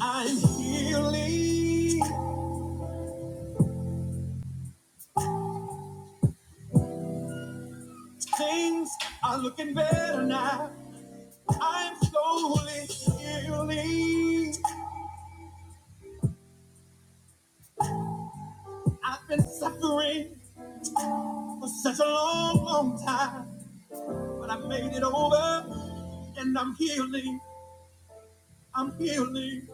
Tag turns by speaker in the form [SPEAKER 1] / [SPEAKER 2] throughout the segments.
[SPEAKER 1] I'm healing. Things are looking better now. I'm slowly healing. I've been suffering for such a long, long time, but I made it over and I'm healing. I'm healing.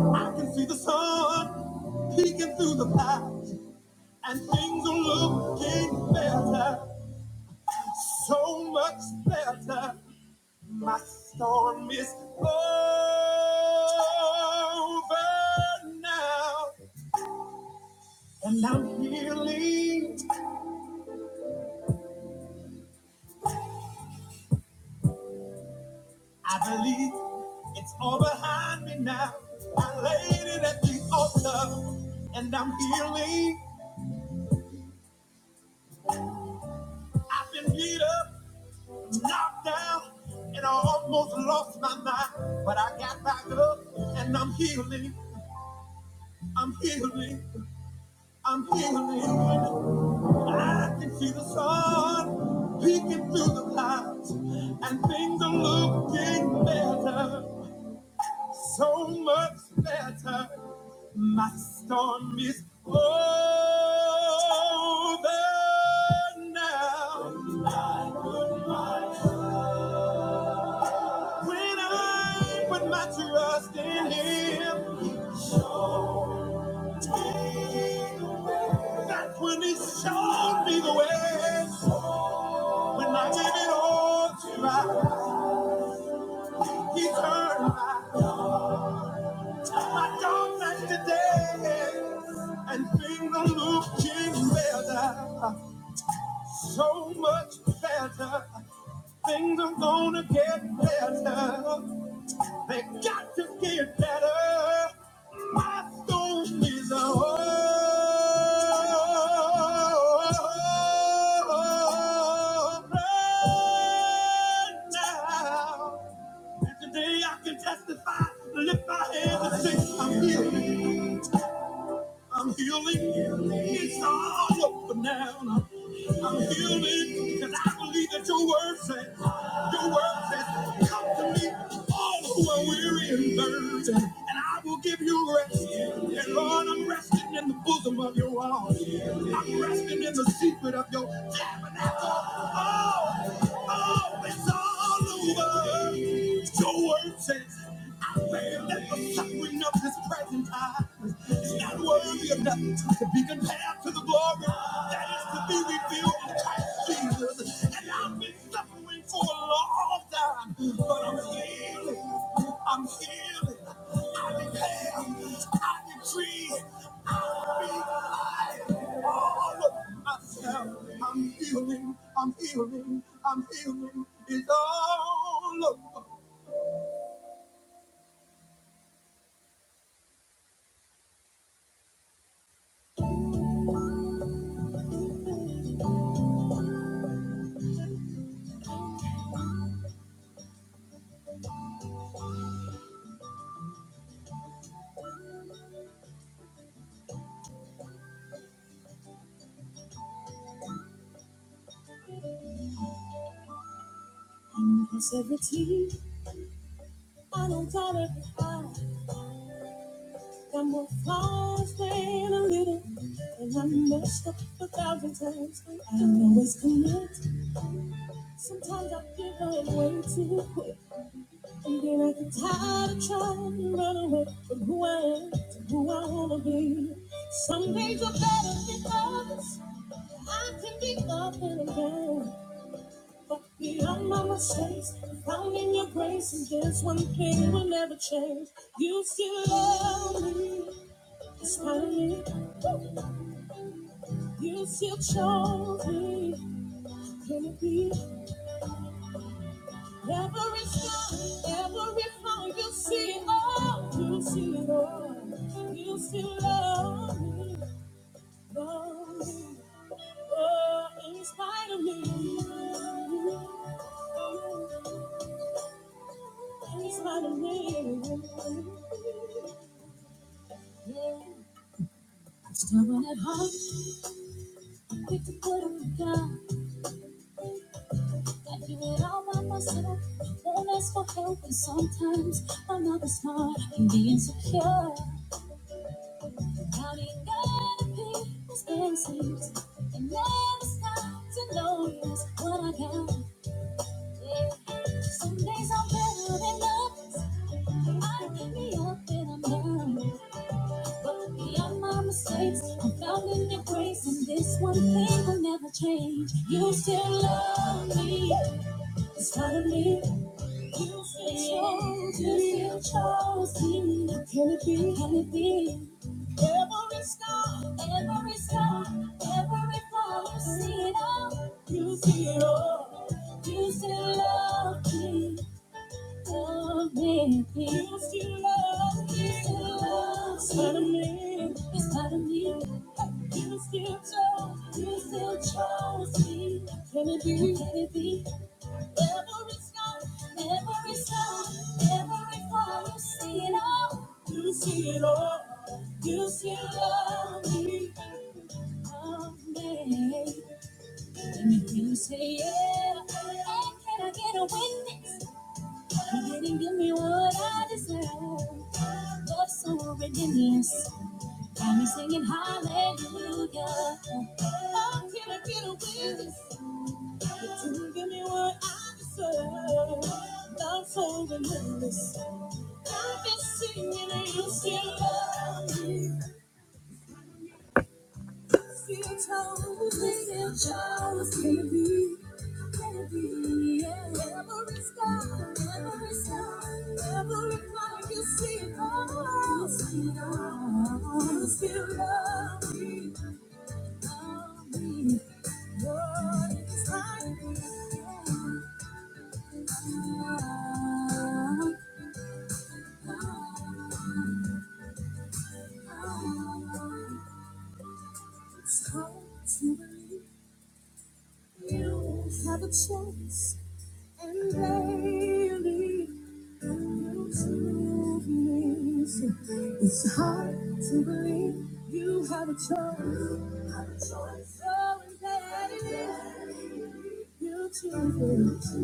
[SPEAKER 1] I can see the sun peeking through the clouds, and things are looking better, so much better. My storm is over now, and I'm healing. I believe it's all behind me now. I laid it at the altar, and I'm healing. I've been beat up, knocked down, and I almost lost my mind, but I got back up, and I'm healing. I'm healing. I'm healing. I can see the sun peeking through the clouds, and things are looking better, so much better. My storm is over now. I put my- When I put my trust in Him, He showed that's when he showed me the way. When I gave it all to him, he turned my, my dark night to day. And things are looking better, so much better. Things are gonna get better. They got to get better. My soul needs a hope now. And today I can testify, lift my hands and say, I'm healed. I'm healing. It's all over now. I'm healing because I believe that your word says, your word says, come to me, all who are weary and burdened, and I will give you rest. And Lord, I'm resting in the bosom of your arms. I'm resting in the secret of your tabernacle. Oh, oh, it's all over. Your word says, I pray that the suffering of this present time is not worthy of nothing to be compared to the glory that is to be revealed in Christ Jesus. And I've been suffering for a long time, but I'm healing. I'm healing. I declare, I decree, I speak life all of myself. I'm healing, I'm healing, I'm healing. It's all over. Positivity, I don't tolerate I got more flaws than a little, and I messed up a thousand times. I don't always commit. Sometimes I give in way too quick, and then I get tired of trying to run away from who I am to who I wanna be. Some days are better than others. I can be up and down. But beyond my mistakes, I found in your grace, and there's one thing will never change. You still love me, despite me. You still chose me. Can it be? Every sky, every flaw you see, oh, you see it all. You still love me, love me, oh, in spite of me. In spite of me. Yeah. Stubborn at heart, I'm quick to put on down. Gotta do it all by myself. Won't ask for help, and sometimes I'm not as smart. Can be insecure. Counting on the people's blessings, And never stop to notice what I got. Yeah. Some days I'm better than others. I give me up and I'm down. But beyond my mistakes, I'm found in your grace. And this one thing will never change. You still love me. It's not of me. It's yours. You chose me. Can it be? Can it be? Every star, every star, every flower, you see it all. You see it all. You still love me, love me. You still love me, you still love It's part of me. It's part of me. You still chose, you still chose me. Can it be? Can it be? Every scar, every scar, every fall, you see it all. You see it all. You see it all. Amazing. And you say, yeah. And can I get a witness? You didn't give me what I deserve. Love so ridiculous. Got me singing hallelujah. Oh, can I get a witness? to give me what I deserve. Not holding in this. I've been singing and you still love me. Still chose me, still chose me. to be. Baby, yeah. Every star, every star, every fire you see it all. You see it all. You still love me, love me. Lord, it's like me. It's hard to believe you have a chance and daily you prove me. It's hard to believe you have a choice. Have a choice. So daily you choose. me.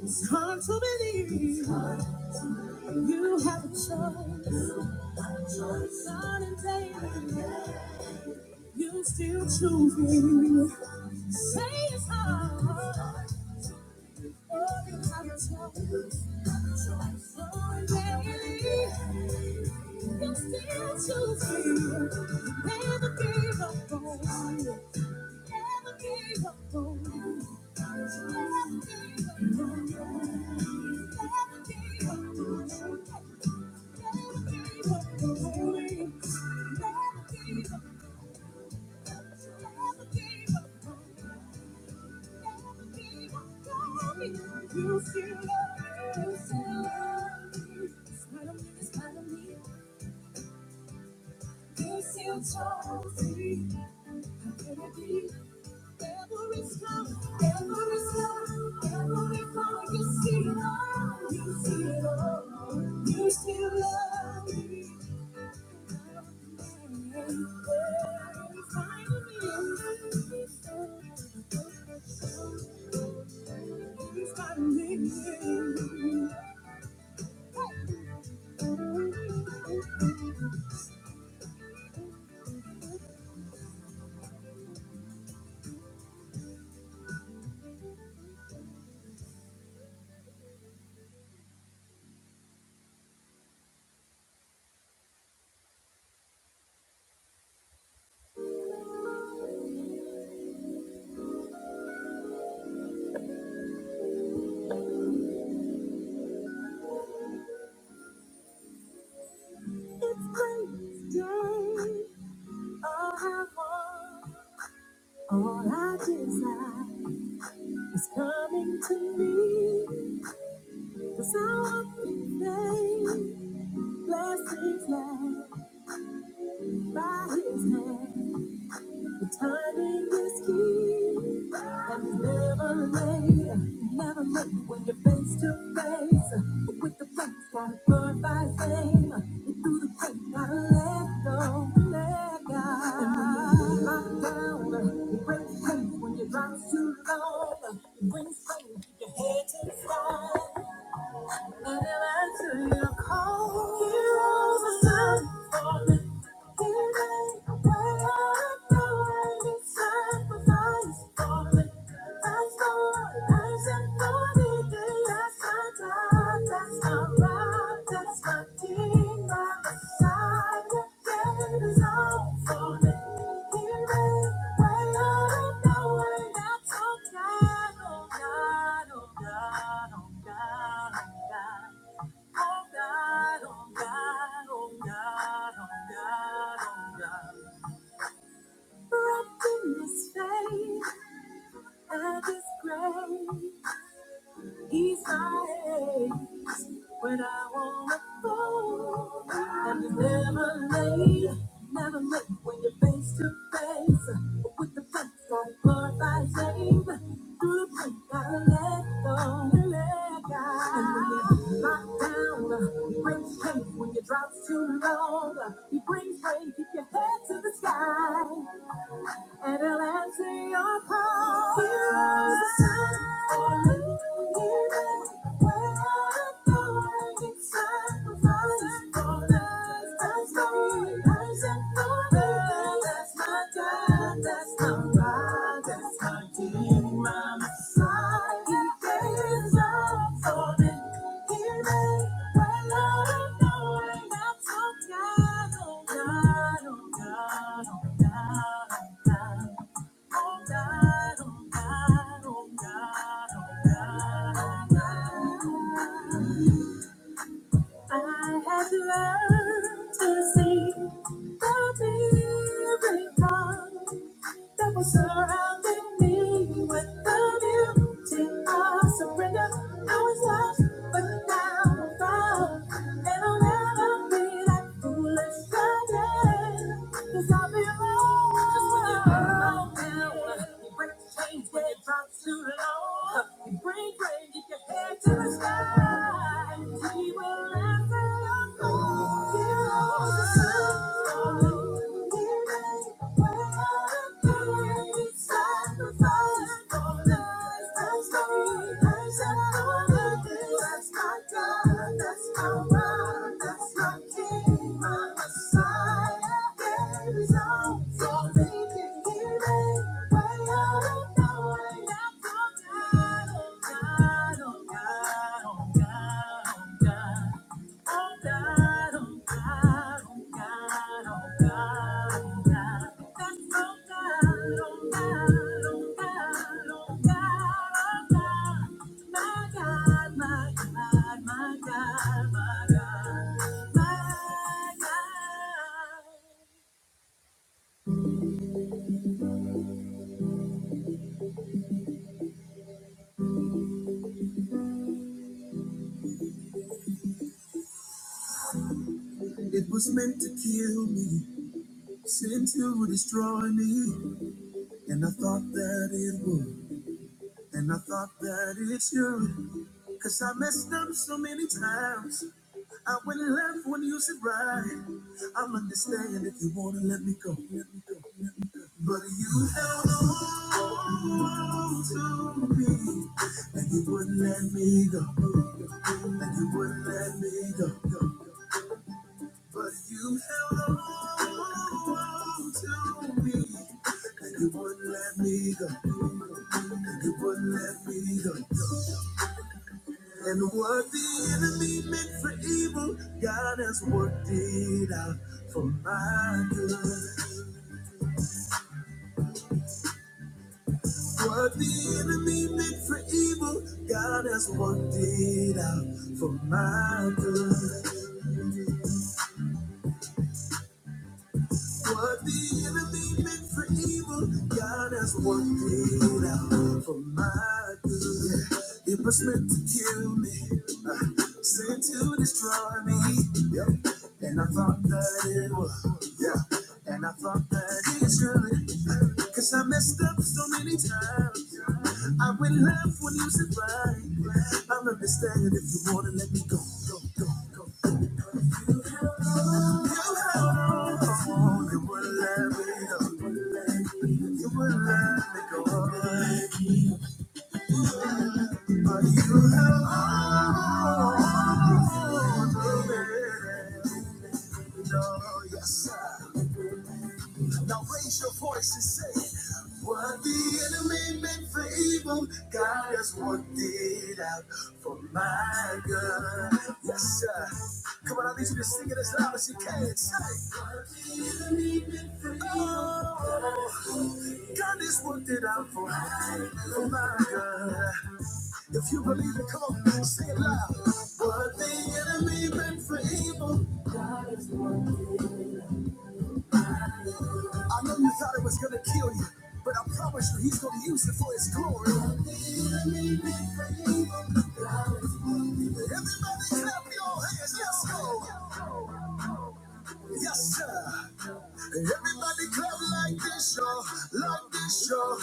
[SPEAKER 1] It's hard to believe you have a choice. Son and David. You still choose me. Say it's hard. Oh, you have a choice. Oh, baby. You still choose me. Never gave up on you. Never gave up on you. Never gave up on you. Never gave up on you. Never gave up on you. Never gave up you still love me. All I desire is coming to me. Cause I walk in faith, blessings led by his hand. The timing is key, and it's never late. Never late when you're face to face. But with the faith, gotta glorify fame. And through the pain, gotta let go, let go. And when you're down, it brings faith when you drop too low. It brings faith keep your head to the sky. And it answers your call. Heroes are sung Oh God, oh God, oh God, oh God. Oh God, oh God, oh God, oh God, oh God. Wrapped in His faith and His grace, He's my When I wanna fall, and it's never late, never late when you're face to face with the punch like birth I save. Through the pain, gotta let go, and let go. And when you're knocked down, he brings pain when your drops too long. He brings rain, keep your head to the sky and he'll answer your call. Heroes time, when you need Him, when I know when it's time for us. For us, That's my person, for us, that's my God, that's my rock, that's my King, my Messiah. He gave his life for me. I have learned to see the miracle. that was surrounding me with the beauty of surrender. I was lost, but now I'm found, and I'll never be that foolish again. 'Cause I belong. Cause when you belong down, you break the chains when you drop too low. You break bread, get your head to the sky. We will laugh at our own heroes. God, God, God, oh oh Oh, God. Oh God, oh God, oh God, oh God, oh God. That's oh God, oh God, oh God, oh God, oh God. My God, my God, my God, my God, my God. It was meant to kill me, sent to destroy me, and I thought that it would, and I thought that it should. Cause I messed up so many times. I went left when you said right. i will understand if you wanna let me go. Let me go. Let me go. But you held on to me, and you wouldn't let me go. And you wouldn't let me go. go, go. But you held on to me, and you wouldn't let me go. And you wouldn't let me go. And what the enemy meant for evil, God has worked it out for my good. What the enemy meant for evil, God has worked it out for my good. What the enemy meant for evil, God has worked it out for my good. It was meant to kill me, uh, sent to destroy me. Yeah. And I thought that it was, yeah. And I thought that it should. Cause I messed up so many times. I would love when you said right. I'll understand if you wanna let me go, go, go, go, go. You held on, you held on, you wouldn't let me go. You wouldn't let me go. But you held on, you wouldn't let me Yes, sir. Now raise your voice and say, What the enemy meant for evil, God has worked it out for my good. Yes, sir. Come on, I need you to sing it as loud as you can. Say, What the enemy meant for evil, oh, God has worked it out for, my, for my good. If you believe it, come on, say it loud. What the enemy meant for evil, God has worked I know you thought it was gonna kill you, but I promise you he's gonna use it for his glory. Everybody clap your hands, let's go. Yes, sir. Everybody clap like this, y'all, like this, y'all.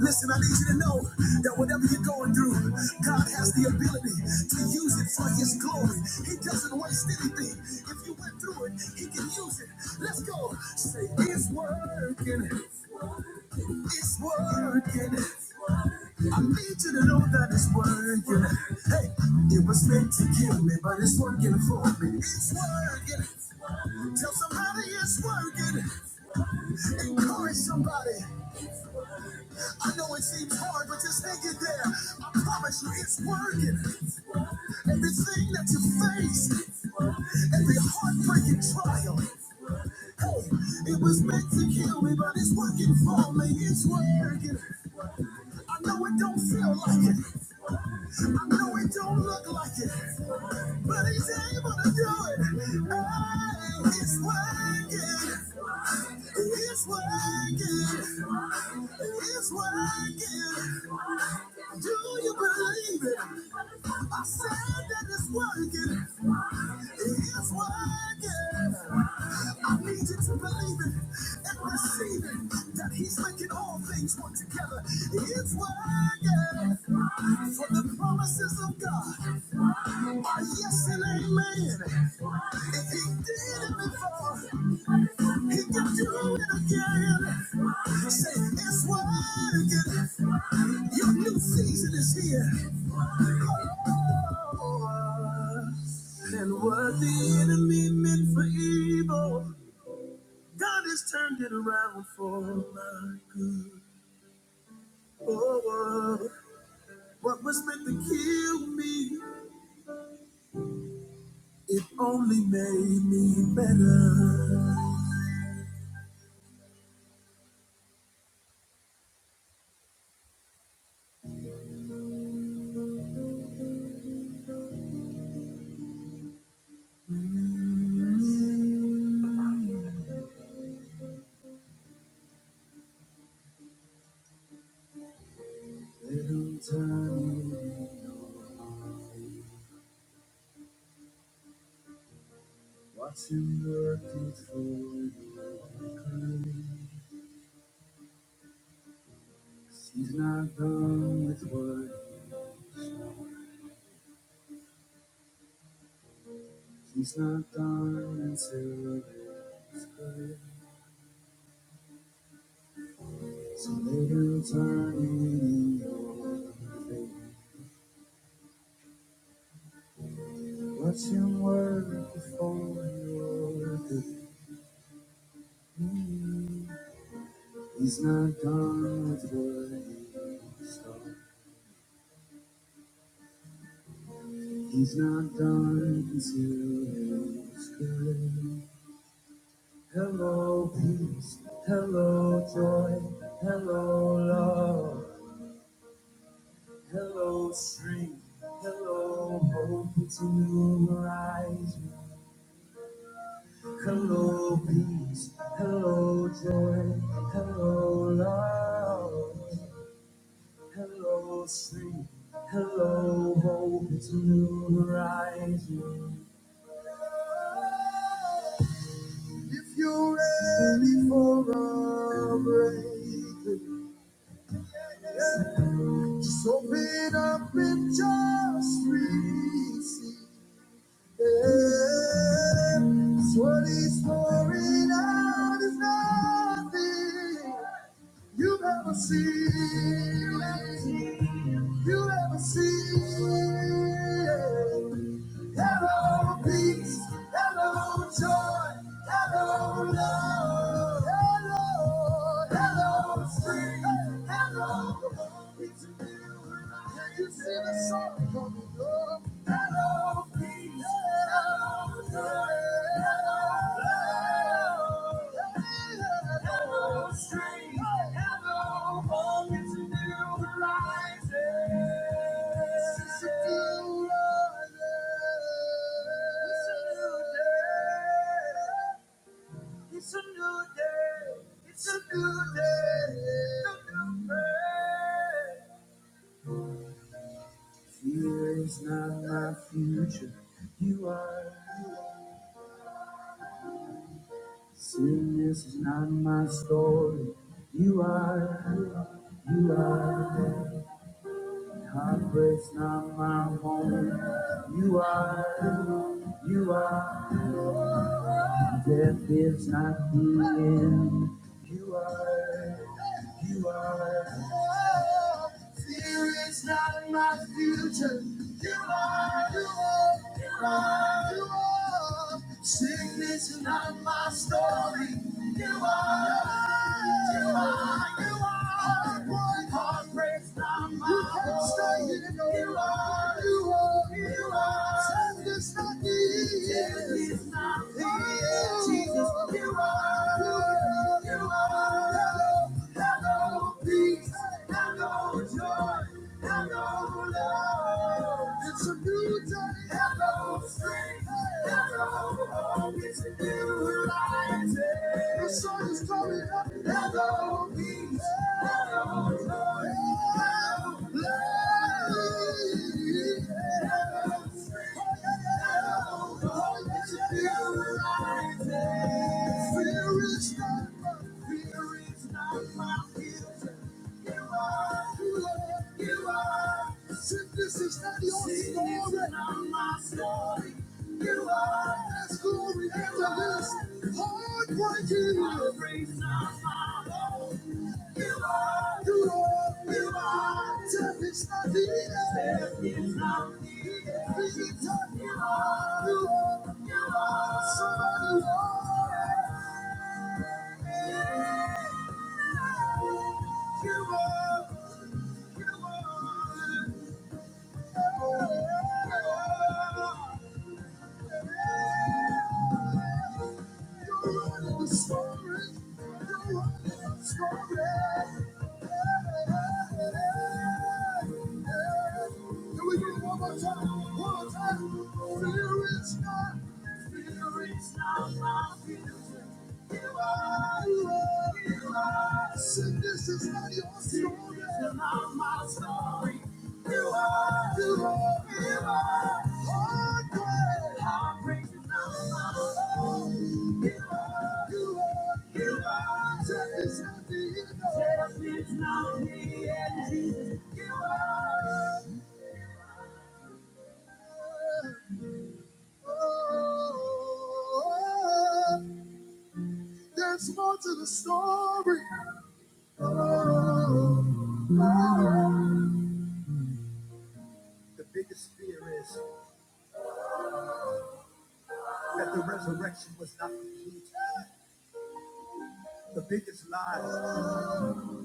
[SPEAKER 1] Listen, I need you to know that whatever you're going through, God has the ability to use it for his glory. He doesn't waste anything. If you went through it, he can use it. Let's go. Say it's working. It's working. I need you to know that it's working. Hey, it was meant to kill me, but it's working for me. It's working. Tell somebody it's working. Encourage somebody. I know it seems hard, but just hang in there. I promise you, it's working. Everything that you face, every heartbreaking trial. Hey, it was meant to kill me, but it's working for me. It's working. I know it don't feel like it. I know it don't look like it. But he's able to do it. Hey, he's working. He's working. He's working. Do you believe it? I said that it's working. It's working. I need you to believe it and receive it that He's making all things work together. It's working for the promises of God are yes and amen. If He did it before, He can do it again. Say it's working. Your new season is here. And what the enemy meant for evil. God has turned it around for my good. Oh, oh. what was meant to kill me, it only made me better. Little tiny What's him working for your good? He's not done with what he's not done until it's good. So Every time in your faith, watching work before your good. me. He's not done with what he started. He's not done until it's good. Hello, peace. Hello, joy. Hello, love. Hello, strength. Hello, hope. It's a new horizon. Hello, peace. Hello, joy. Hello, love. Hello, strength. Hello, hope. It's a new horizon. If you're ready for a breakthrough, yeah, just open up and just receive. It's what he's pouring out is nothing you've ever seen. You've ever seen. Can you see the sun coming up? Hello, peace. Hello, joy. Hello, love. hello, strength. Hello, hope. Fear is not my future. You are. Sin is not my story. You are. You are. Heartbreak's not my home. You are. You are. Death is not the end. You are, you are. Fear is not my future. You are, you are, you are, you are. Sickness is not my story. You are, you are. You can stay here. You are, you are. Death is not the end. You are, you are, you are. Peace. It's a new day of strength. it's a new light. The sun is coming up. Hello, peace. Hello, joy. Hello, love. Hello, strength. Hello, hope. it's a new light. Fear is not my fear is not my future. You are, you are, you are. Sickness is not your Sickness story. Sickness is not my story. You are. That's glory after this. Heartbreaking. Heartbreak's not my home. You are, you are, you are. Death is not the end. Death is not the end. Be tough. You are, you are, you are. Somebody are. you are. You are. Sickness is not your story. It's not my story. There's more to the story. The biggest fear is that the resurrection was not complete. The biggest lie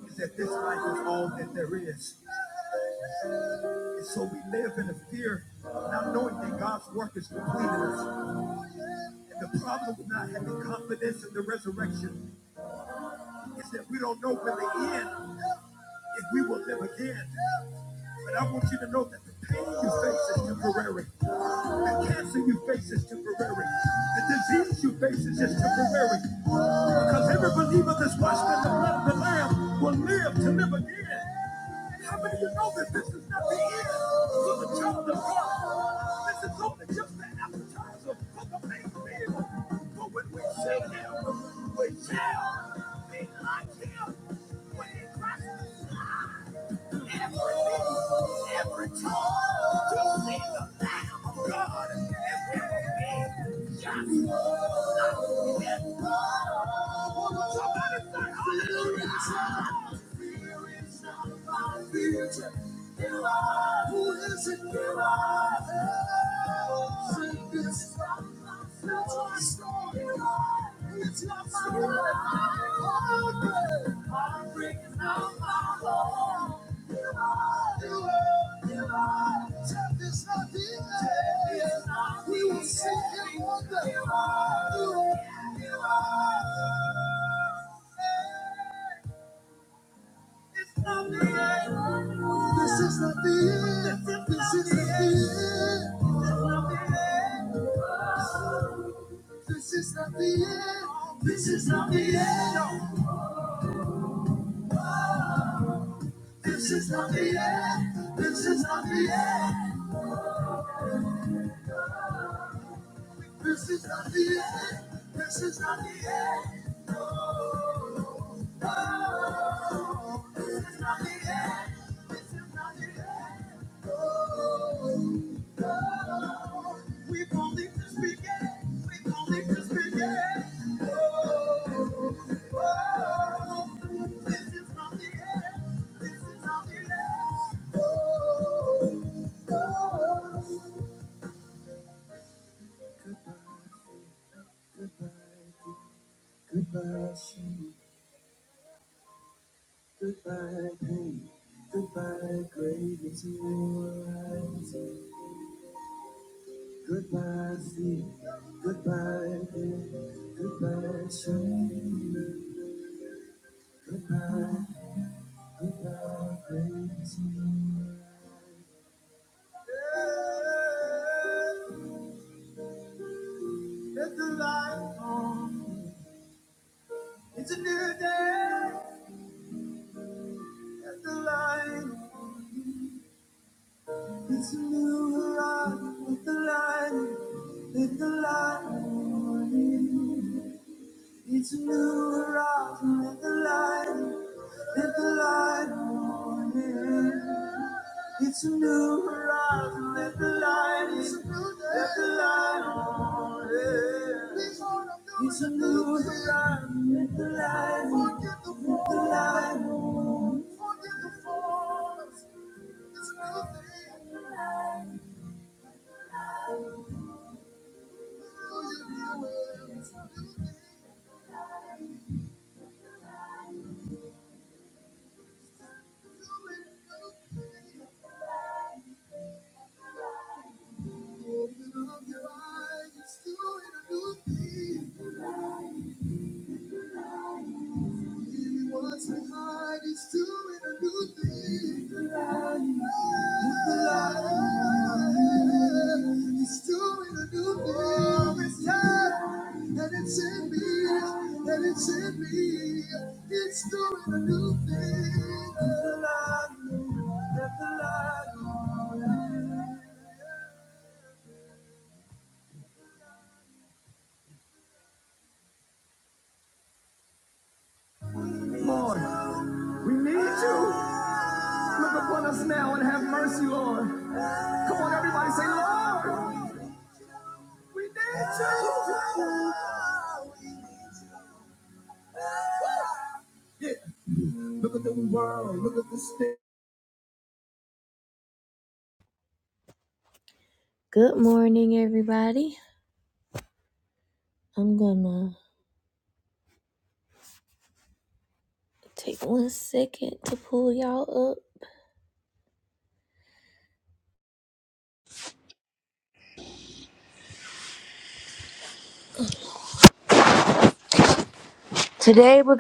[SPEAKER 1] is that this life is all that there is. And so we live in the fear, not knowing that God's work is complete in us. And the problem with not having confidence in the resurrection is that we don't know when the end if we will live again. But I want you to know that the pain you face is temporary. The cancer you face is temporary. The disease you face is just temporary. Because every believer that's washed in the blood of the Lamb will live to live again. How many of you know that this is not the end for the child of God? This is only just the appetite. Hallelujah. Fear is not my future. You are who is it? You are the Lord. Sing this from my future story. You are. It's not my story. Bring out my Lord. You are. You are. Tell is not the end. We will sing and wonder. You are. This is not the end. This is not the end. This is not the end. This is not the end. This is not the end. This is not the end. This is not the end. This is not the end. This is not the end. Goodbye, shame. Goodbye, pain. Goodbye, grave into your eyes. Goodbye, fear. Goodbye, pain. Goodbye, shame. Goodbye, goodbye, grave into your eyes. Let the light on. It's a new life, with the light, forget the with forget the force. It's a new thing. it's a new thing. Open up your eyes, it's doing a new thing. Leave what's behind, it's doing a new thing. He's doing a new thing every time, and it's in me, and it's in me. He's doing a new thing. Lord, we need you. Look upon us now and have mercy, Lord. Come on, everybody, say, Lord, we need you.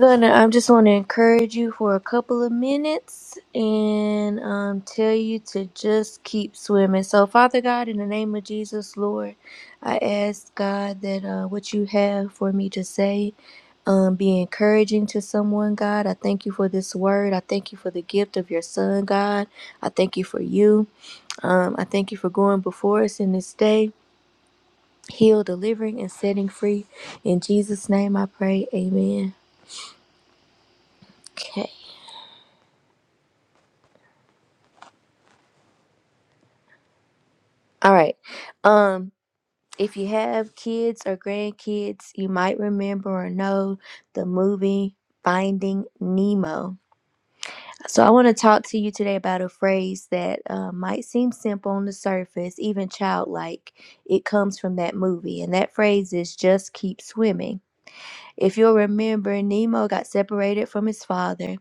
[SPEAKER 1] Gonna, I just want to encourage you for a couple of minutes and um, tell you to just keep swimming. So, Father God, in the name of Jesus, Lord. I ask God that uh, what you have for me to say um, be encouraging to someone, God. I thank you for this word. I thank you for the gift of your son, God. I thank you for you. Um, I for going blessing this day, heal, delivering, and setting free. In Jesus' name I pray. Amen. Okay. All right. Um, if you have kids or grandkids, you might remember or know the movie Finding Nemo. So, I want to talk to you today about a phrase that uh, might seem simple on the surface, even childlike. It comes from that movie, and that phrase is just keep swimming. If you'll remember, Nemo got separated from his father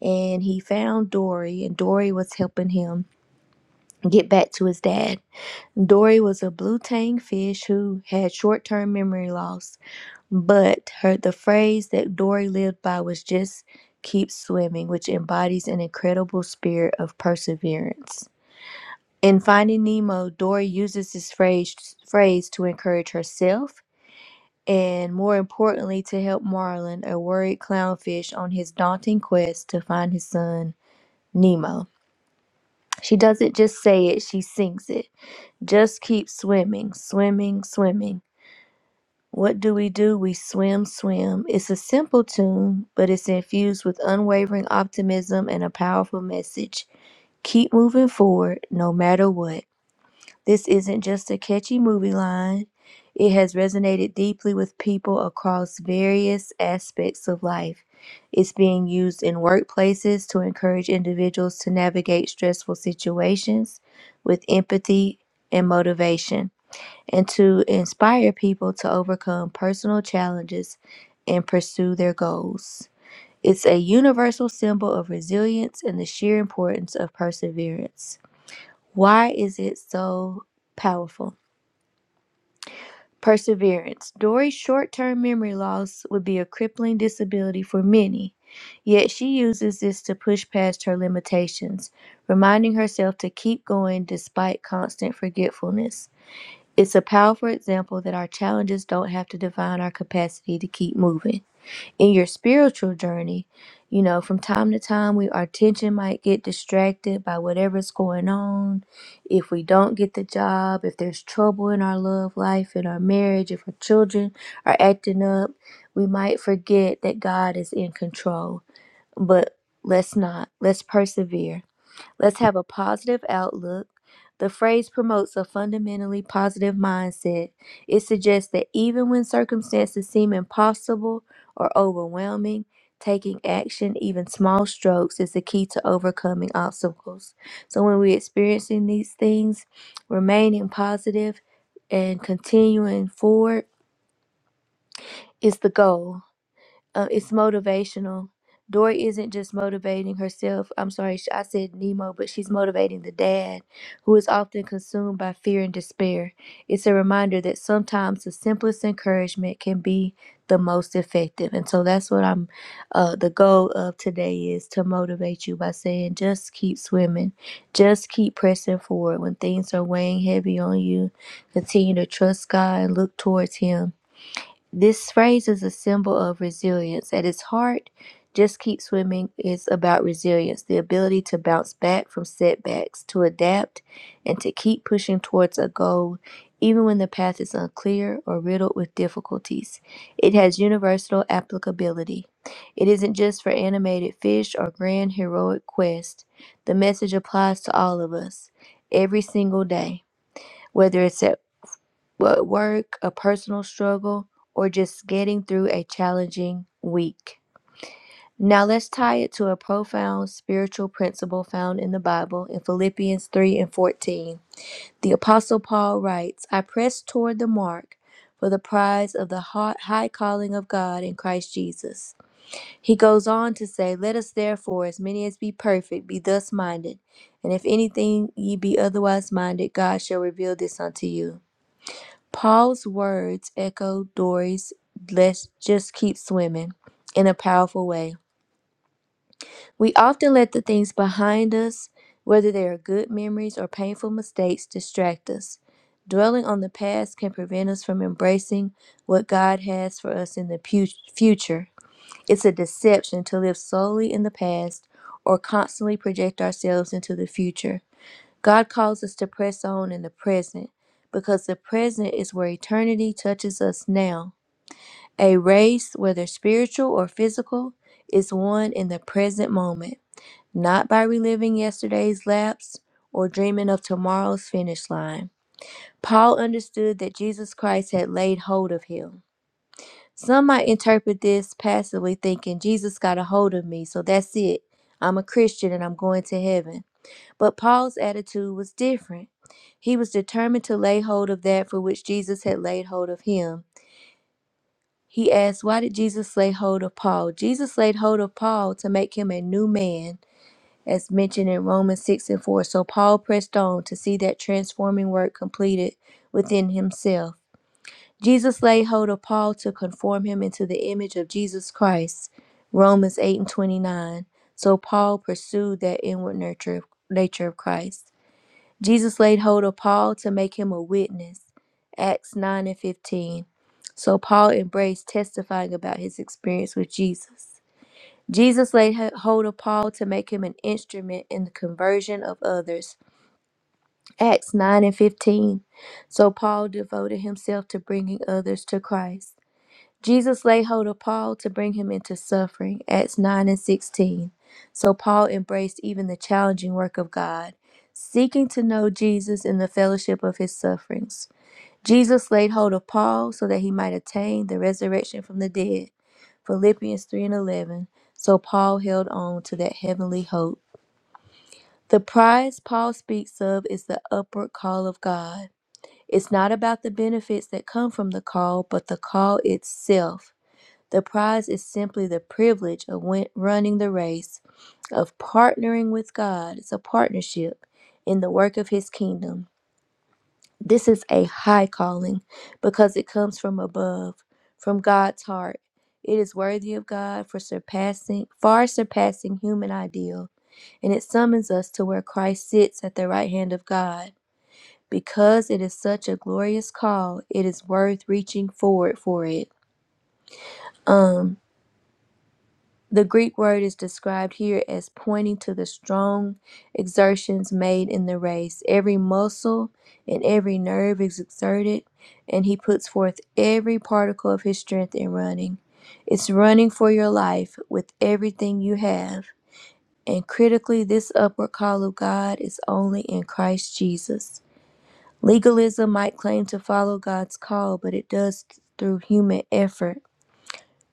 [SPEAKER 1] and he found Dory, and Dory was helping him get back to his dad. Dory was a blue tang fish who had short term memory loss. But her the phrase that Dory lived by was just keep swimming, which embodies an incredible spirit of perseverance. In Finding Nemo, Dory uses this phrase phrase to encourage herself and more importantly to help Marlin, a worried clownfish, on his daunting quest to find his son Nemo. She doesn't just say it, she sings it. Just keep swimming, swimming, swimming. What do we do? We swim, swim. It's a simple tune, but it's infused with unwavering optimism and a powerful message. Keep moving forward no matter what. This isn't just a catchy movie line, it has resonated deeply with people across various aspects of life. It's being used in workplaces to encourage individuals to navigate stressful situations with empathy and motivation and to inspire people to overcome personal challenges and pursue their goals. It's a universal symbol of resilience and the sheer importance of perseverance. Why is it so powerful? Perseverance. Dory's short term memory loss would be a crippling disability for many, yet she uses this to push past her limitations, reminding herself to keep going despite constant forgetfulness. It's a powerful example that our challenges don't have to define our capacity to keep moving. In your spiritual journey, you know, from time to time, we our attention might get distracted by whatever's going on. If we don't get the job, if there's trouble in our love life, in our marriage, if our children are acting up, we might forget that God is in control. But let's not. Let's persevere Let's have a positive outlook. The phrase promotes a fundamentally positive mindset. It suggests that even when circumstances seem impossible or overwhelming, taking action, even small strokes, is the key to overcoming obstacles. So when we're experiencing these things, remaining positive and continuing forward is the goal uh, it's motivational. Dory isn't just motivating herself. I'm sorry, sh- I said Nemo, but she's motivating the dad, who is often consumed by fear and despair. It's a reminder that sometimes the simplest encouragement can be the most effective. And so that's what I'm, uh, the goal of today is to motivate you by saying, just keep swimming, just keep pressing forward when things are weighing heavy on you. Continue to trust God and look towards Him this phrase is a symbol of resilience. At its heart, just keep swimming is about resilience, the ability to bounce back from setbacks, to adapt, and to keep pushing towards a goal, even when the path is unclear or riddled with difficulties. It has universal applicability. It isn't just for animated fish or grand heroic quest. The message applies to all of us, every single day. Whether it's at what work, a personal struggle, or just getting through a challenging week. Now let's tie it to a profound spiritual principle found in the Bible in Philippians 3 and 14. The Apostle Paul writes, I press toward the mark for the prize of the hot- high calling of God in Christ Jesus. He goes on to say, Let us therefore, as many as be perfect, be thus minded. And if anything ye be otherwise minded, God shall reveal this unto you. Paul's words echo Dory's let's just keep swimming in a powerful way. We often let the things behind us, whether they are good memories or painful mistakes, distract us. Dwelling on the past can prevent us from embracing what God has for us in the pu- future. It's a deception to live solely in the past or constantly project ourselves into the future. God calls us to press on in the present because the present is where eternity touches us now. A race, whether spiritual or physical, is won in the present moment, not by reliving yesterday's lapse or dreaming of tomorrow's finish line. Paul understood that Jesus Christ had laid hold of him. Some might interpret this passively, thinking, Jesus got a hold of me, so that's it. I'm a Christian and I'm going to heaven. But Paul's attitude was different. He was determined to lay hold of that for which Jesus had laid hold of him. He asked, Why did Jesus lay hold of Paul? Jesus laid hold of Paul to make him a new man, as mentioned in Romans 6 and 4. So Paul pressed on to see that transforming work completed within himself. Jesus laid hold of Paul to conform him into the image of Jesus Christ, Romans 8 and 29. So Paul pursued that inward nurture, nature of Christ. Jesus laid hold of Paul to make him a witness. Acts 9 and 15. So Paul embraced testifying about his experience with Jesus. Jesus laid hold of Paul to make him an instrument in the conversion of others. Acts 9 and 15. So Paul devoted himself to bringing others to Christ. Jesus laid hold of Paul to bring him into suffering, Acts 9 and 16. So Paul embraced even the challenging work of God, seeking to know Jesus in the fellowship of his sufferings. Jesus laid hold of Paul so that he might attain the resurrection from the dead, Philippians 3 and 11. So Paul held on to that heavenly hope. The prize Paul speaks of is the upward call of God. It's not about the benefits that come from the call, but the call itself. The prize is simply the privilege of win- running the race, of partnering with God. It's a partnership in the work of His kingdom. This is a high calling because it comes from above, from God's heart. It is worthy of God for surpassing, far surpassing human ideal, and it summons us to where Christ sits at the right hand of God. Because it is such a glorious call, it is worth reaching forward for it. Um, The Greek word is described here as pointing to the strong exertions made in the race. Every muscle and every nerve is exerted, and he puts forth every particle of his strength in running. It's running for your life with everything you have. And critically, this upward call of God is only in Christ Jesus. Legalism might claim to follow God's call, but it does through human effort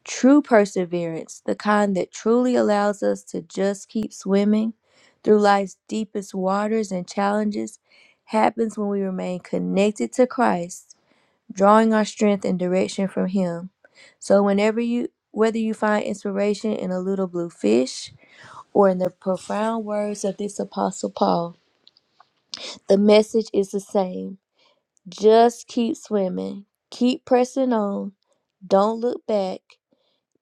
[SPEAKER 1] True perseverance, the kind that truly allows us to just keep swimming through life's deepest waters and challenges, happens when we remain connected to Christ, drawing our strength and direction from Him. So, whenever you whether you find inspiration in a little blue fish or in the profound words of this apostle Paul, the message is the same. Just keep swimming, keep pressing on, don't look back,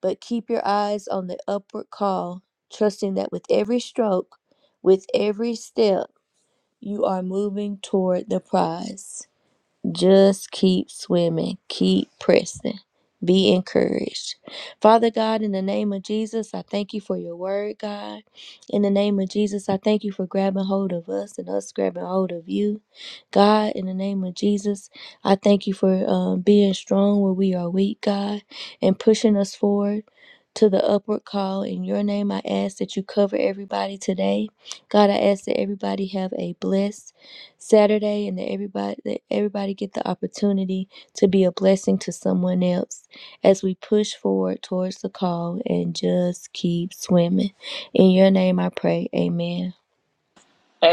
[SPEAKER 1] but keep your eyes on the upward call, trusting that with every stroke, with every step, you are moving toward the prize. Just keep swimming, keep pressing. Be encouraged. Father God, in the name of Jesus, I thank you for your word, God. In the name of Jesus, I thank you for grabbing hold of us and us grabbing hold of you. God, in the name of Jesus, I thank you for um, being strong where we are weak, God, and pushing us forward to the upward call. In your name, I ask that you cover everybody today. God, I ask that everybody have a blessed Saturday and that everybody that everybody get the opportunity to be a blessing to someone else as we push forward towards the call and just keep swimming. In your name I pray. Amen.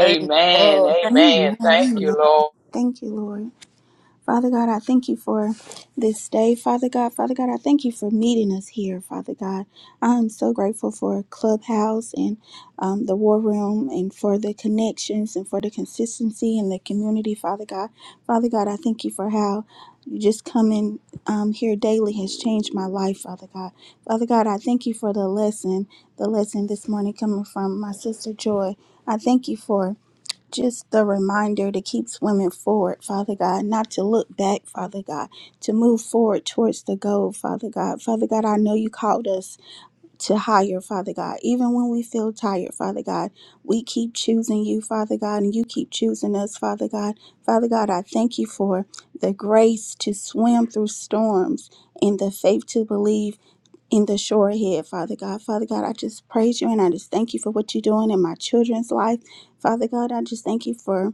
[SPEAKER 2] Amen. Thank-
[SPEAKER 3] Amen.
[SPEAKER 4] Amen.
[SPEAKER 3] Thank
[SPEAKER 4] Amen.
[SPEAKER 3] you, Lord.
[SPEAKER 4] Thank you, Lord. Father God, I thank you for this day. Father God, Father God, I thank you for meeting us here, Father God. I'm so grateful for Clubhouse and um, the War Room and for the connections and for the consistency and the community, Father God. Father God, I thank you for how just coming um, here daily has changed my life, Father God. Father God, I thank you for the lesson, the lesson this morning coming from my sister Joy. I thank you for just the reminder to keep swimming forward, Father God, not to look back, Father God, to move forward towards the goal, Father God. Father God, I know you called us to higher, Father God. Even when we feel tired, Father God, we keep choosing you, Father God, and you keep choosing us, Father God. Father God, I thank you for the grace to swim through storms and the faith to believe in the shore ahead, Father God. Father God, I just praise you and I just thank you for what you're doing in my children's life. Father God, I just thank you for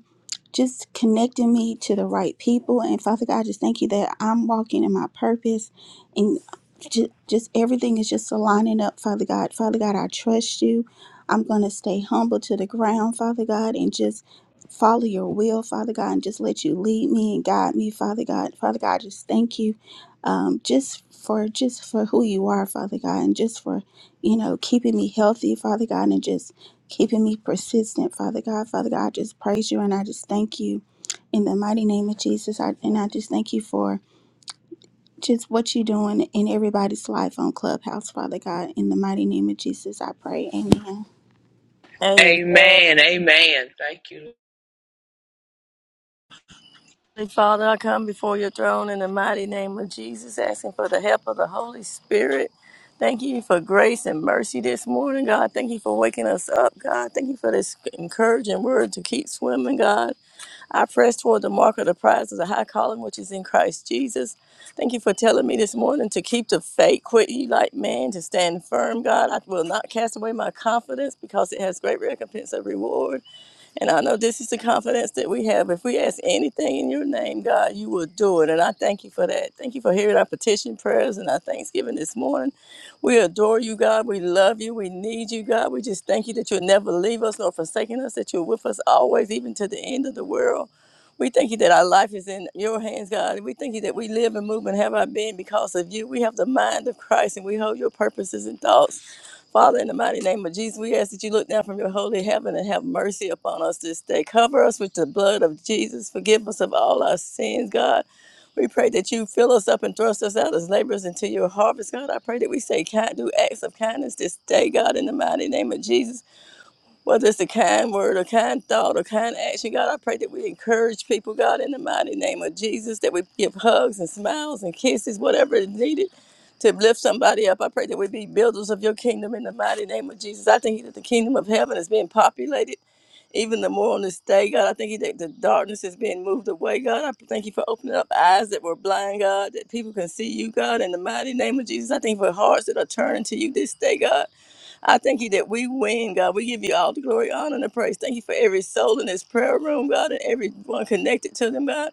[SPEAKER 4] just connecting me to the right people. And Father God, I just thank you that I'm walking in my purpose and just, just everything is just aligning up, Father God. Father God, I trust you. I'm going to stay humble to the ground, Father God, and just follow your will, Father God, and just let you lead me and guide me, Father God. Father God, I just thank you um, just for just for who you are, Father God, and just for, you know, keeping me healthy, Father God, and just keeping me persistent, Father God. Father God, I just praise you and I just thank you in the mighty name of Jesus. I, and I just thank you for just what you're doing in everybody's life on Clubhouse, Father God. In the mighty name of Jesus, I pray. Amen.
[SPEAKER 2] Amen.
[SPEAKER 3] Amen. Amen. Thank you.
[SPEAKER 2] Holy Father, I come before your throne in the mighty name of Jesus, asking for the help of the Holy Spirit. Thank you for grace and mercy this morning, God. Thank you for waking us up, God. Thank you for this encouraging word to keep swimming, God. I press toward the mark of the prize of the high calling which is in Christ Jesus. Thank you for telling me this morning to keep the faith, quit ye like man, to stand firm, God. I will not cast away my confidence because it has great recompense of reward. And I know this is the confidence that we have. If we ask anything in your name, God, you will do it. And I thank you for that. Thank you for hearing our petition prayers and our thanksgiving this morning. We adore you, God. We love you. We need you, God. We just thank you that you'll never leave us nor forsaken us, that you're with us always, even to the end of the world. We thank you that our life is in your hands, God. We thank you that we live and move and have our being because of you. We have the mind of Christ and we hold your purposes and thoughts. Father, in the mighty name of Jesus, we ask that you look down from your holy heaven and have mercy upon us this day. Cover us with the blood of Jesus. Forgive us of all our sins, God. We pray that you fill us up and thrust us out as laborers into your harvest, God. I pray that we say kind, do acts of kindness this day, God, in the mighty name of Jesus. Whether it's a kind word, a kind thought, a kind action, God, I pray that we encourage people, God, in the mighty name of Jesus, that we give hugs and smiles and kisses, whatever is needed to lift somebody up. I pray that we be builders of your kingdom in the mighty name of Jesus. I thank You that the kingdom of heaven is being populated even the more on this day, God. I thank you that the darkness is being moved away, God. I thank you for opening up eyes that were blind, God, that people can see you, God, in the mighty name of Jesus. I thank you for hearts that are turning to you this day, God. I thank you that we win, God. We give you all the glory, honor, and the praise. Thank you for every soul in this prayer room, God, and everyone connected to them, God.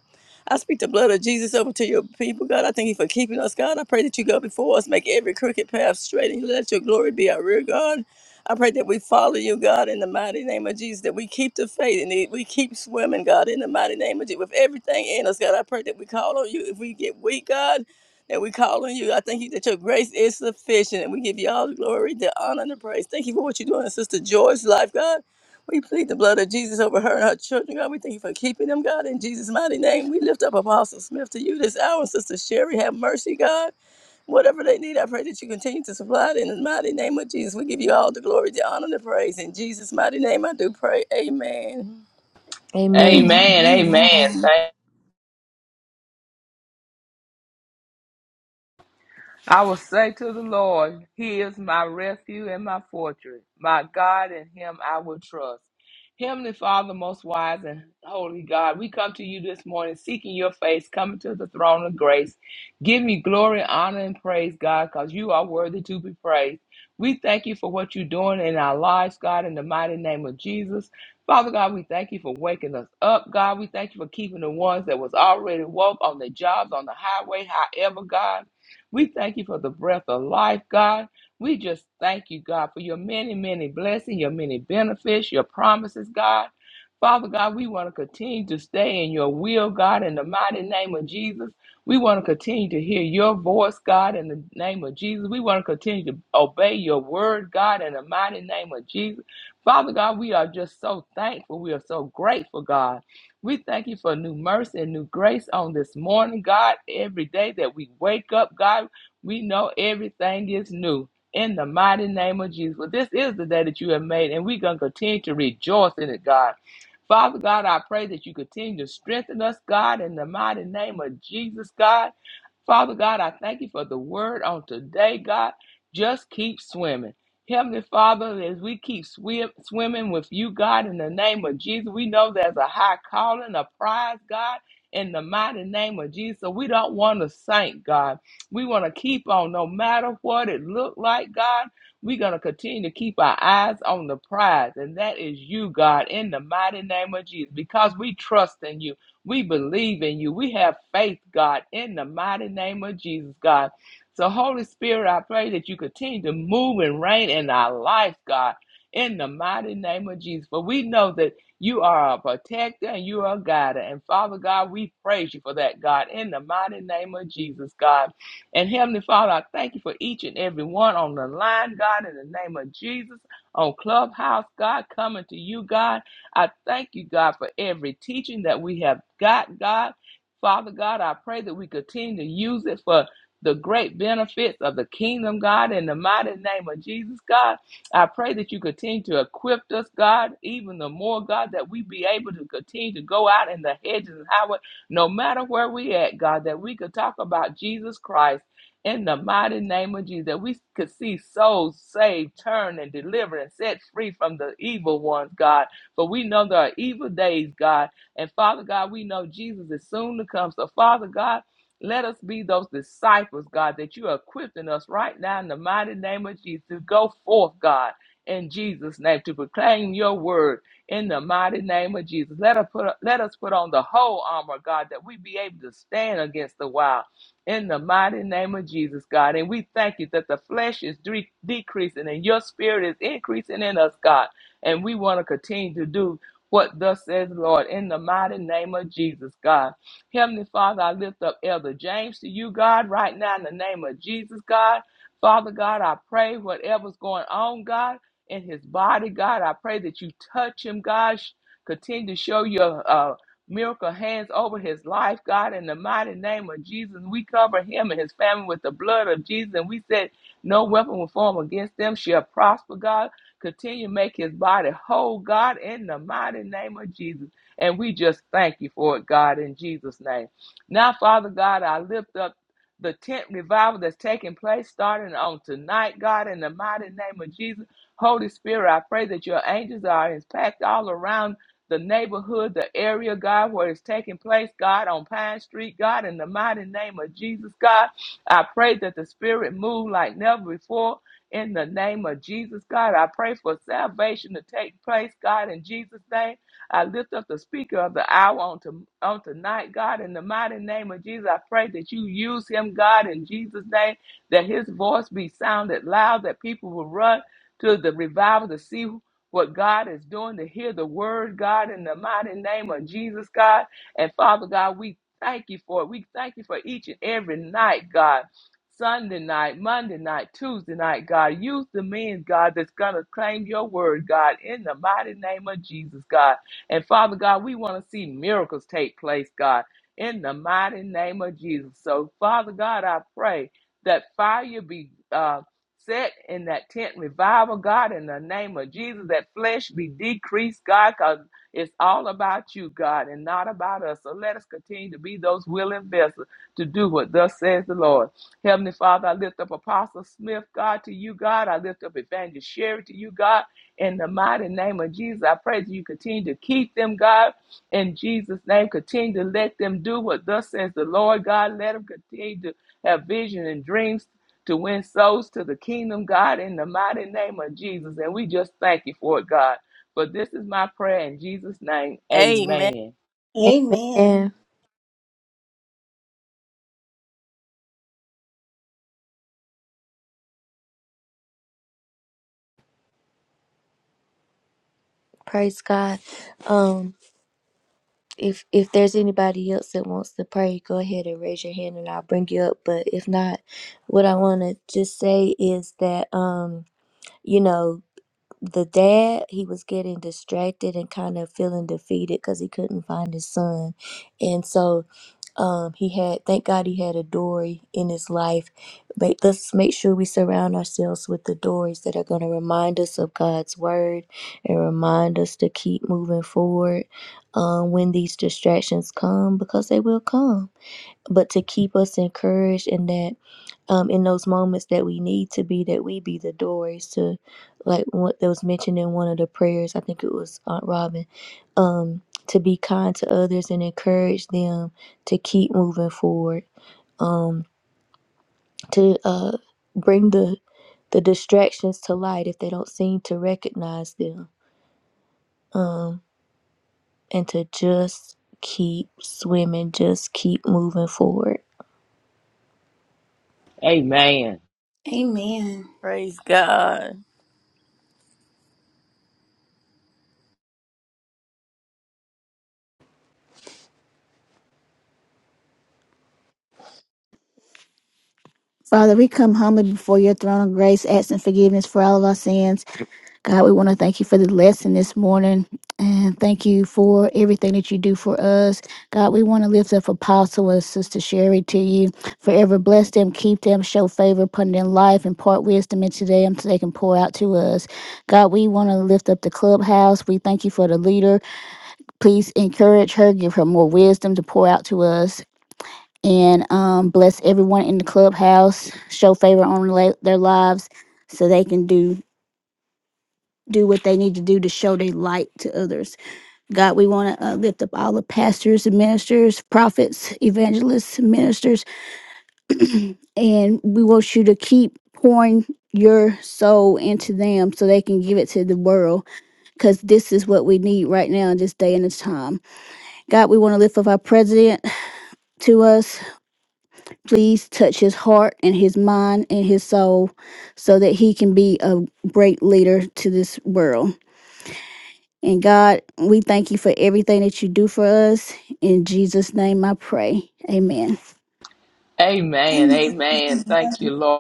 [SPEAKER 2] I speak the blood of Jesus over to your people, God. I thank you for keeping us, God. I pray that you go before us, make every crooked path straight, and let your glory be our rear guard. I pray that we follow you, God, in the mighty name of Jesus, that we keep the faith and that we keep swimming, God, in the mighty name of Jesus. With everything in us, God, I pray that we call on you if we get weak, God. And we call on you. I thank you that your grace is sufficient. And we give you all the glory, the honor, and the praise. Thank you for what you're doing in Sister Joy's life, God. We plead the blood of Jesus over her and her children, God. We thank you for keeping them, God. In Jesus' mighty name, we lift up Apostle Smith to you this hour. And Sister Sherry, have mercy, God. Whatever they need, I pray that you continue to supply it in the mighty name of Jesus. We give you all the glory, the honor, and the praise. In Jesus' mighty name, I do pray. Amen.
[SPEAKER 1] Amen.
[SPEAKER 3] Amen. Amen.
[SPEAKER 4] Amen.
[SPEAKER 3] Thank I will say to the Lord, He is my refuge and my fortress, my God, in Him I will trust. Heavenly Father, most wise and holy God, we come to you this morning seeking your face, coming to the throne of grace. Give me glory, honor, and praise, God, because you are worthy to be praised. We thank you for what you're doing in our lives, God, in the mighty name of Jesus. Father God, we thank you for waking us up, God. We thank you for keeping the ones that was already woke on the jobs, on the highway, however, God. We thank you for the breath of life, God. We just thank you, God, for your many, many blessings, your many benefits, your promises, God. Father God, we want to continue to stay in your will, God, in the mighty name of Jesus. We want to continue to hear your voice, God, in the name of Jesus. We want to continue to obey your word, God, in the mighty name of Jesus. Father God, we are just so thankful. We are so grateful, God. We thank you for new mercy and new grace on this morning, God. Every day that we wake up, God, we know everything is new. In the mighty name of Jesus. Well, this is the day that you have made, and we're going to continue to rejoice in it, God. Father God, I pray that you continue to strengthen us, God, in the mighty name of Jesus, God. Father God, I thank you for the word on today, God. Just keep swimming. Heavenly Father, as we keep swim, swimming with you, God, in the name of Jesus, we know there's a high calling, a prize, God, in the mighty name of Jesus. So we don't want to sink, God. We want to keep on, no matter what it looked like, God. We're going to continue to keep our eyes on the prize, and that is you, God, in the mighty name of Jesus, because we trust in you. We believe in you. We have faith, God, in the mighty name of Jesus, God. So, Holy Spirit, I pray that you continue to move and reign in our lives, God, in the mighty name of Jesus. For we know that you are a protector and you are a guider. And Father God, we praise you for that, God, in the mighty name of Jesus, God. And Heavenly Father, I thank you for each and every one on the line, God, in the name of Jesus, on Clubhouse, God, coming to you, God. I thank you, God, for every teaching that we have got, God. Father God, I pray that we continue to use it for the great benefits of the kingdom, God, in the mighty name of Jesus, God. I pray that you continue to equip us, God, even the more, God, that we be able to continue to go out in the hedges and highway, no matter where we at, God, that we could talk about Jesus Christ in the mighty name of Jesus, that we could see souls saved, turned, and delivered and set free from the evil ones, God. For we know there are evil days, God. And Father God, we know Jesus is soon to come. So, Father God, let us be those disciples, God, that you are equipping us right now in the mighty name of Jesus to go forth, God, in Jesus' name, to proclaim your word in the mighty name of Jesus. Let us put, let us put on the whole armor, God, that we be able to stand against the wild in the mighty name of Jesus, God. And we thank you that the flesh is dre- decreasing and your spirit is increasing in us, God. And we want to continue to do what thus says the Lord in the mighty name of Jesus, God. Heavenly Father, I lift up Elder James to you, God, right now in the name of Jesus, God. Father God, I pray whatever's going on, God, in his body, God, I pray that you touch him, God. Sh- Continue to show your uh, miracle hands over his life, God, in the mighty name of Jesus. We cover him and his family with the blood of Jesus, and we said, No weapon will form against them shall prosper, God. Continue to make his body whole, God, in the mighty name of Jesus. And we just thank you for it, God, in Jesus' name. Now, Father God, I lift up the tent revival that's taking place starting on tonight, God, in the mighty name of Jesus. Holy Spirit, I pray that your angels are impacted all around the neighborhood, the area, God, where it's taking place, God, on Pine Street, God, in the mighty name of Jesus, God. I pray that the Spirit move like never before in the name of Jesus, God. I pray for salvation to take place, God, in Jesus' name. I lift up the speaker of the hour on, to, on tonight, God, in the mighty name of Jesus. I pray that you use him, God, in Jesus' name, that his voice be sounded loud, that people will run to the revival to see what God is doing, to hear the word, God, in the mighty name of Jesus, God. And Father God, we thank you for it. We thank you for each and every night, God. Sunday night, Monday night, Tuesday night, God. Use the men, God, that's going to claim your word, God, in the mighty name of Jesus, God. And Father God, we want to see miracles take place, God, in the mighty name of Jesus. So, Father God, I pray that fire be uh, set in that tent revival, God, in the name of Jesus, that flesh be decreased, God, because it's all about you, God, and not about us. So let us continue to be those willing vessels to do what thus says the Lord. Heavenly Father, I lift up Apostle Smith, God, to you, God. I lift up Evangelist Sherry to you, God. In the mighty name of Jesus, I pray that you continue to keep them, God. In Jesus' name, continue to let them do what thus says the Lord, God. Let them continue to have vision and dreams to win souls to the kingdom, God, in the mighty name of Jesus. And we just thank you for it, God. But this is my prayer in Jesus' name.
[SPEAKER 2] Amen.
[SPEAKER 3] Amen.
[SPEAKER 4] Amen.
[SPEAKER 1] Amen.
[SPEAKER 4] Amen.
[SPEAKER 1] Praise God. Um, if if there's anybody else that wants to pray, go ahead and raise your hand, and I'll bring you up. But if not, what I want to just say is that um, you know the dad he was getting distracted and kind of feeling defeated because he couldn't find his son and so um he had thank god he had a dory in his life but let's make sure we surround ourselves with the dories that are going to remind us of god's word and remind us to keep moving forward um, when these distractions come because they will come but to keep us encouraged in that um, in those moments that we need to be, that we be the doors to, like what that was mentioned in one of the prayers, I think it was Aunt Robin, um, to be kind to others and encourage them to keep moving forward, to uh, bring the the distractions to light if they don't seem to recognize them, and to just keep swimming, just keep moving forward.
[SPEAKER 3] Amen.
[SPEAKER 4] Amen.
[SPEAKER 2] Praise God.
[SPEAKER 5] Father, we come humbly before your throne of grace, asking forgiveness for all of our sins. God, we want to thank you for the lesson this morning and thank you for everything that you do for us. God, we want to lift up Apostle and Sister Sherry to you. Forever bless them, keep them, show favor upon their life, impart wisdom into them so they can pour out to us. God, we want to lift up the clubhouse. We thank you for the leader. Please encourage her, give her more wisdom to pour out to us and um, bless everyone in the clubhouse. Show favor on la- their lives so they can do do what they need to do to show their light to others. God, we want to uh, lift up all the pastors and ministers, prophets, evangelists, ministers, and we want you to keep pouring your soul into them so they can give it to the world because this is what we need right now in this day and this time. God, we want to lift up our president to us. Please touch his heart and his mind and his soul so that he can be a great leader to this world. And God, we thank you for everything that you do for us. In Jesus' name I pray. Amen.
[SPEAKER 3] Amen. Amen. Thank you, Lord.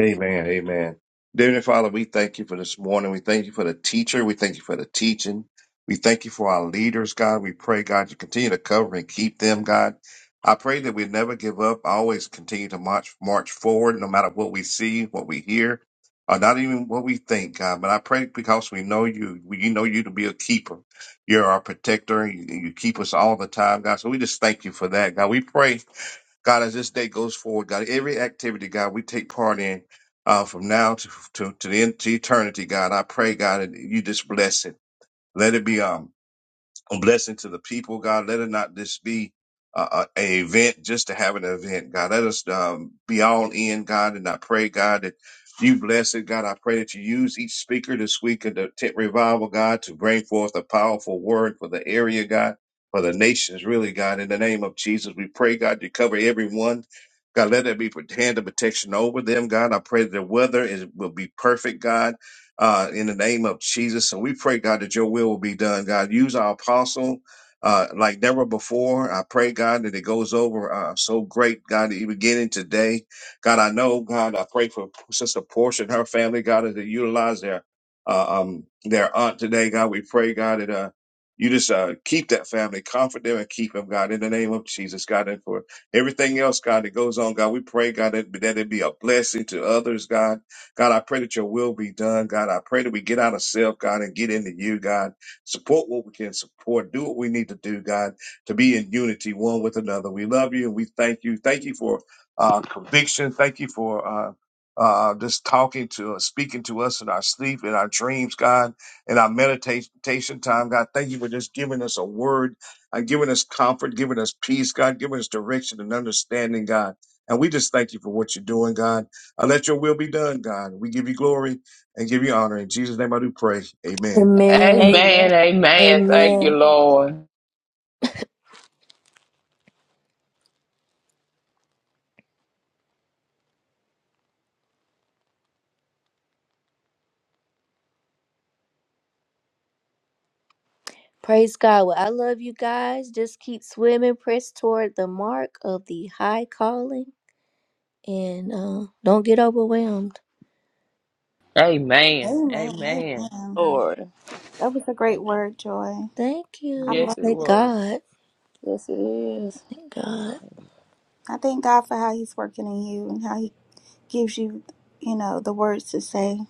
[SPEAKER 6] Amen. Amen. Dear Father, we thank you for this morning. We thank you for the teacher. We thank you for the teaching. We thank you for our leaders, God. We pray, God, you continue to cover and keep them, God. I pray that we never give up. I always continue to march, march forward, no matter what we see, what we hear, or not even what we think, God. But I pray because we know you, we know you to be a keeper. You're our protector. You, you keep us all the time, God. So we just thank you for that, God. We pray God, as this day goes forward, God, every activity, God, we take part in uh, from now to, to, to the end to eternity, God. I pray, God, that you just bless it. Let it be um a blessing to the people, God. Let it not just be uh, a a event just to have an event, God. Let us um, be all in, God. And I pray, God, that you bless it, God. I pray that you use each speaker this week at the tent revival, God, to bring forth a powerful word for the area, God, for the nations, really, God. In the name of Jesus, we pray, God, you cover everyone. God, let there be hand of protection over them, God. I pray that the weather is, will be perfect, God uh, in the name of Jesus. And we pray, God, that your will will be done. God, use our apostle uh, like never before. I pray, God, that it goes over uh, so great, God, that you beginning today. God, I know, God, I pray for Sister Portia and her family, God, as they utilize their uh, um, their aunt today. God, we pray, God, that uh, you just uh, keep that family, comfort them, and keep them, God, in the name of Jesus, God, and for everything else, God, that goes on, God, we pray, God, that, that it be a blessing to others, God God, I pray that your will be done. God, I pray that we get out of self, God, and get into you, God. Support what we can support. Do what we need to do, God, to be in unity one with another. We love you and we thank you. Thank you for uh, conviction. Thank you for uh, uh, just talking to us, speaking to us in our sleep, in our dreams, God, in our meditation time, God. Thank you for just giving us a word, uh, giving us comfort, giving us peace, God, giving us direction and understanding, God. And we just thank you for what you're doing, God. Uh, let your will be done, God. We give you glory and give you honor. In Jesus' name I do pray. Amen.
[SPEAKER 1] Amen.
[SPEAKER 2] Amen,
[SPEAKER 3] Amen. Amen. Thank you,
[SPEAKER 1] Amen.
[SPEAKER 3] Lord.
[SPEAKER 1] Praise God. Well, I love you guys. Just keep swimming, press toward the mark of the high calling, and uh, don't get overwhelmed.
[SPEAKER 3] Amen.
[SPEAKER 4] Amen.
[SPEAKER 3] Amen.
[SPEAKER 4] Amen.
[SPEAKER 2] Lord.
[SPEAKER 4] That was a great
[SPEAKER 3] Thank you.
[SPEAKER 4] word, Joy.
[SPEAKER 1] Thank
[SPEAKER 4] I
[SPEAKER 1] you.
[SPEAKER 3] Yes,
[SPEAKER 4] love,
[SPEAKER 3] it
[SPEAKER 1] Thank
[SPEAKER 3] was.
[SPEAKER 1] God.
[SPEAKER 2] Yes, it is.
[SPEAKER 1] Thank God.
[SPEAKER 4] I thank God for how He's working in you and how He gives you, you know, the words to say.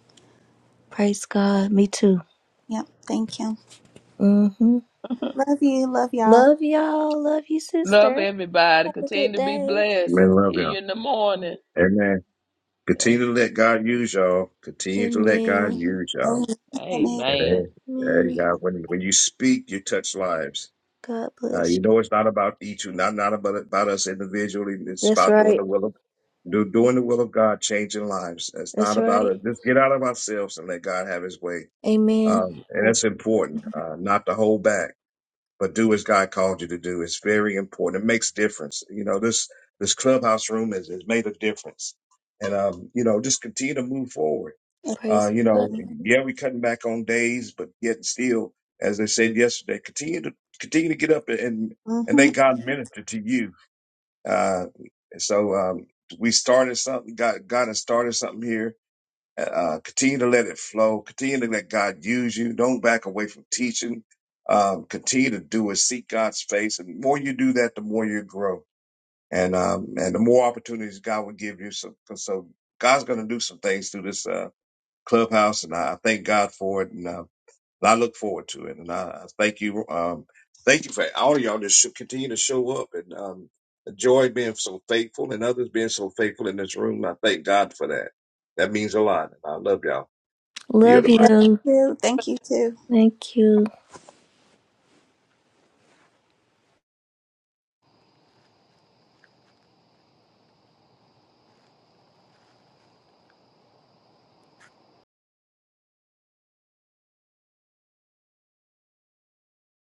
[SPEAKER 1] Praise God. Me too.
[SPEAKER 4] Yep. Thank Him.
[SPEAKER 1] Mm-hmm.
[SPEAKER 4] Love you. Love y'all.
[SPEAKER 1] Love y'all. Love you,
[SPEAKER 3] Love
[SPEAKER 1] sister.
[SPEAKER 3] everybody.
[SPEAKER 1] Have a good
[SPEAKER 3] Continue to be
[SPEAKER 1] day.
[SPEAKER 3] blessed.
[SPEAKER 6] Amen. Love
[SPEAKER 3] See
[SPEAKER 6] y'all.
[SPEAKER 3] you in the morning.
[SPEAKER 6] Amen.
[SPEAKER 3] Yeah.
[SPEAKER 6] Continue to let God use y'all. Continue to let God
[SPEAKER 1] Amen.
[SPEAKER 6] use
[SPEAKER 4] Amen.
[SPEAKER 6] y'all.
[SPEAKER 3] Amen.
[SPEAKER 6] Amen. Hey, hey,
[SPEAKER 1] Amen.
[SPEAKER 6] God, when, when you speak, you touch lives.
[SPEAKER 1] God
[SPEAKER 6] Uh,
[SPEAKER 1] bless
[SPEAKER 6] you know it's not about each, not not about about us individually.
[SPEAKER 1] you.
[SPEAKER 6] It's
[SPEAKER 1] That's
[SPEAKER 6] about doing
[SPEAKER 1] right.
[SPEAKER 6] the will of do, doing the will of God, changing lives. It's not
[SPEAKER 1] That's
[SPEAKER 6] about
[SPEAKER 1] right.
[SPEAKER 6] it. Just get out of ourselves and let God have His way.
[SPEAKER 1] Amen.
[SPEAKER 6] Um, and that's important, uh, not to hold back but do as God called you to do. It's very important. It makes difference. You know, this this clubhouse room has, has made a difference. And um, you know, just continue to move forward. Uh,
[SPEAKER 1] Praise
[SPEAKER 6] you
[SPEAKER 1] God.
[SPEAKER 6] know, yeah, we cutting back on days, but yet still, as I said yesterday, continue to continue to get up and and
[SPEAKER 4] Mm-hmm.
[SPEAKER 6] thank God minister to you. Uh, so um, we started something. God, God has started something here uh, continue to let it flow. Continue to let God use you. Don't back away from teaching. Um, continue to do it. Seek God's face. And the more you do that, the more you grow. And, um, and the more opportunities God will give you. So, so God's going to do some things through this, uh, clubhouse. And I, I thank God for it. And, uh, and I look forward to it. And I, I thank you. Um, thank you for all of y'all that should continue to show up and, um, enjoy being so faithful and others being so faithful in this room. I thank God for that. That means a lot. And I love y'all. Yo,
[SPEAKER 1] Love
[SPEAKER 6] the
[SPEAKER 4] Thank
[SPEAKER 1] you.
[SPEAKER 4] you. Thank you too.
[SPEAKER 1] Thank you.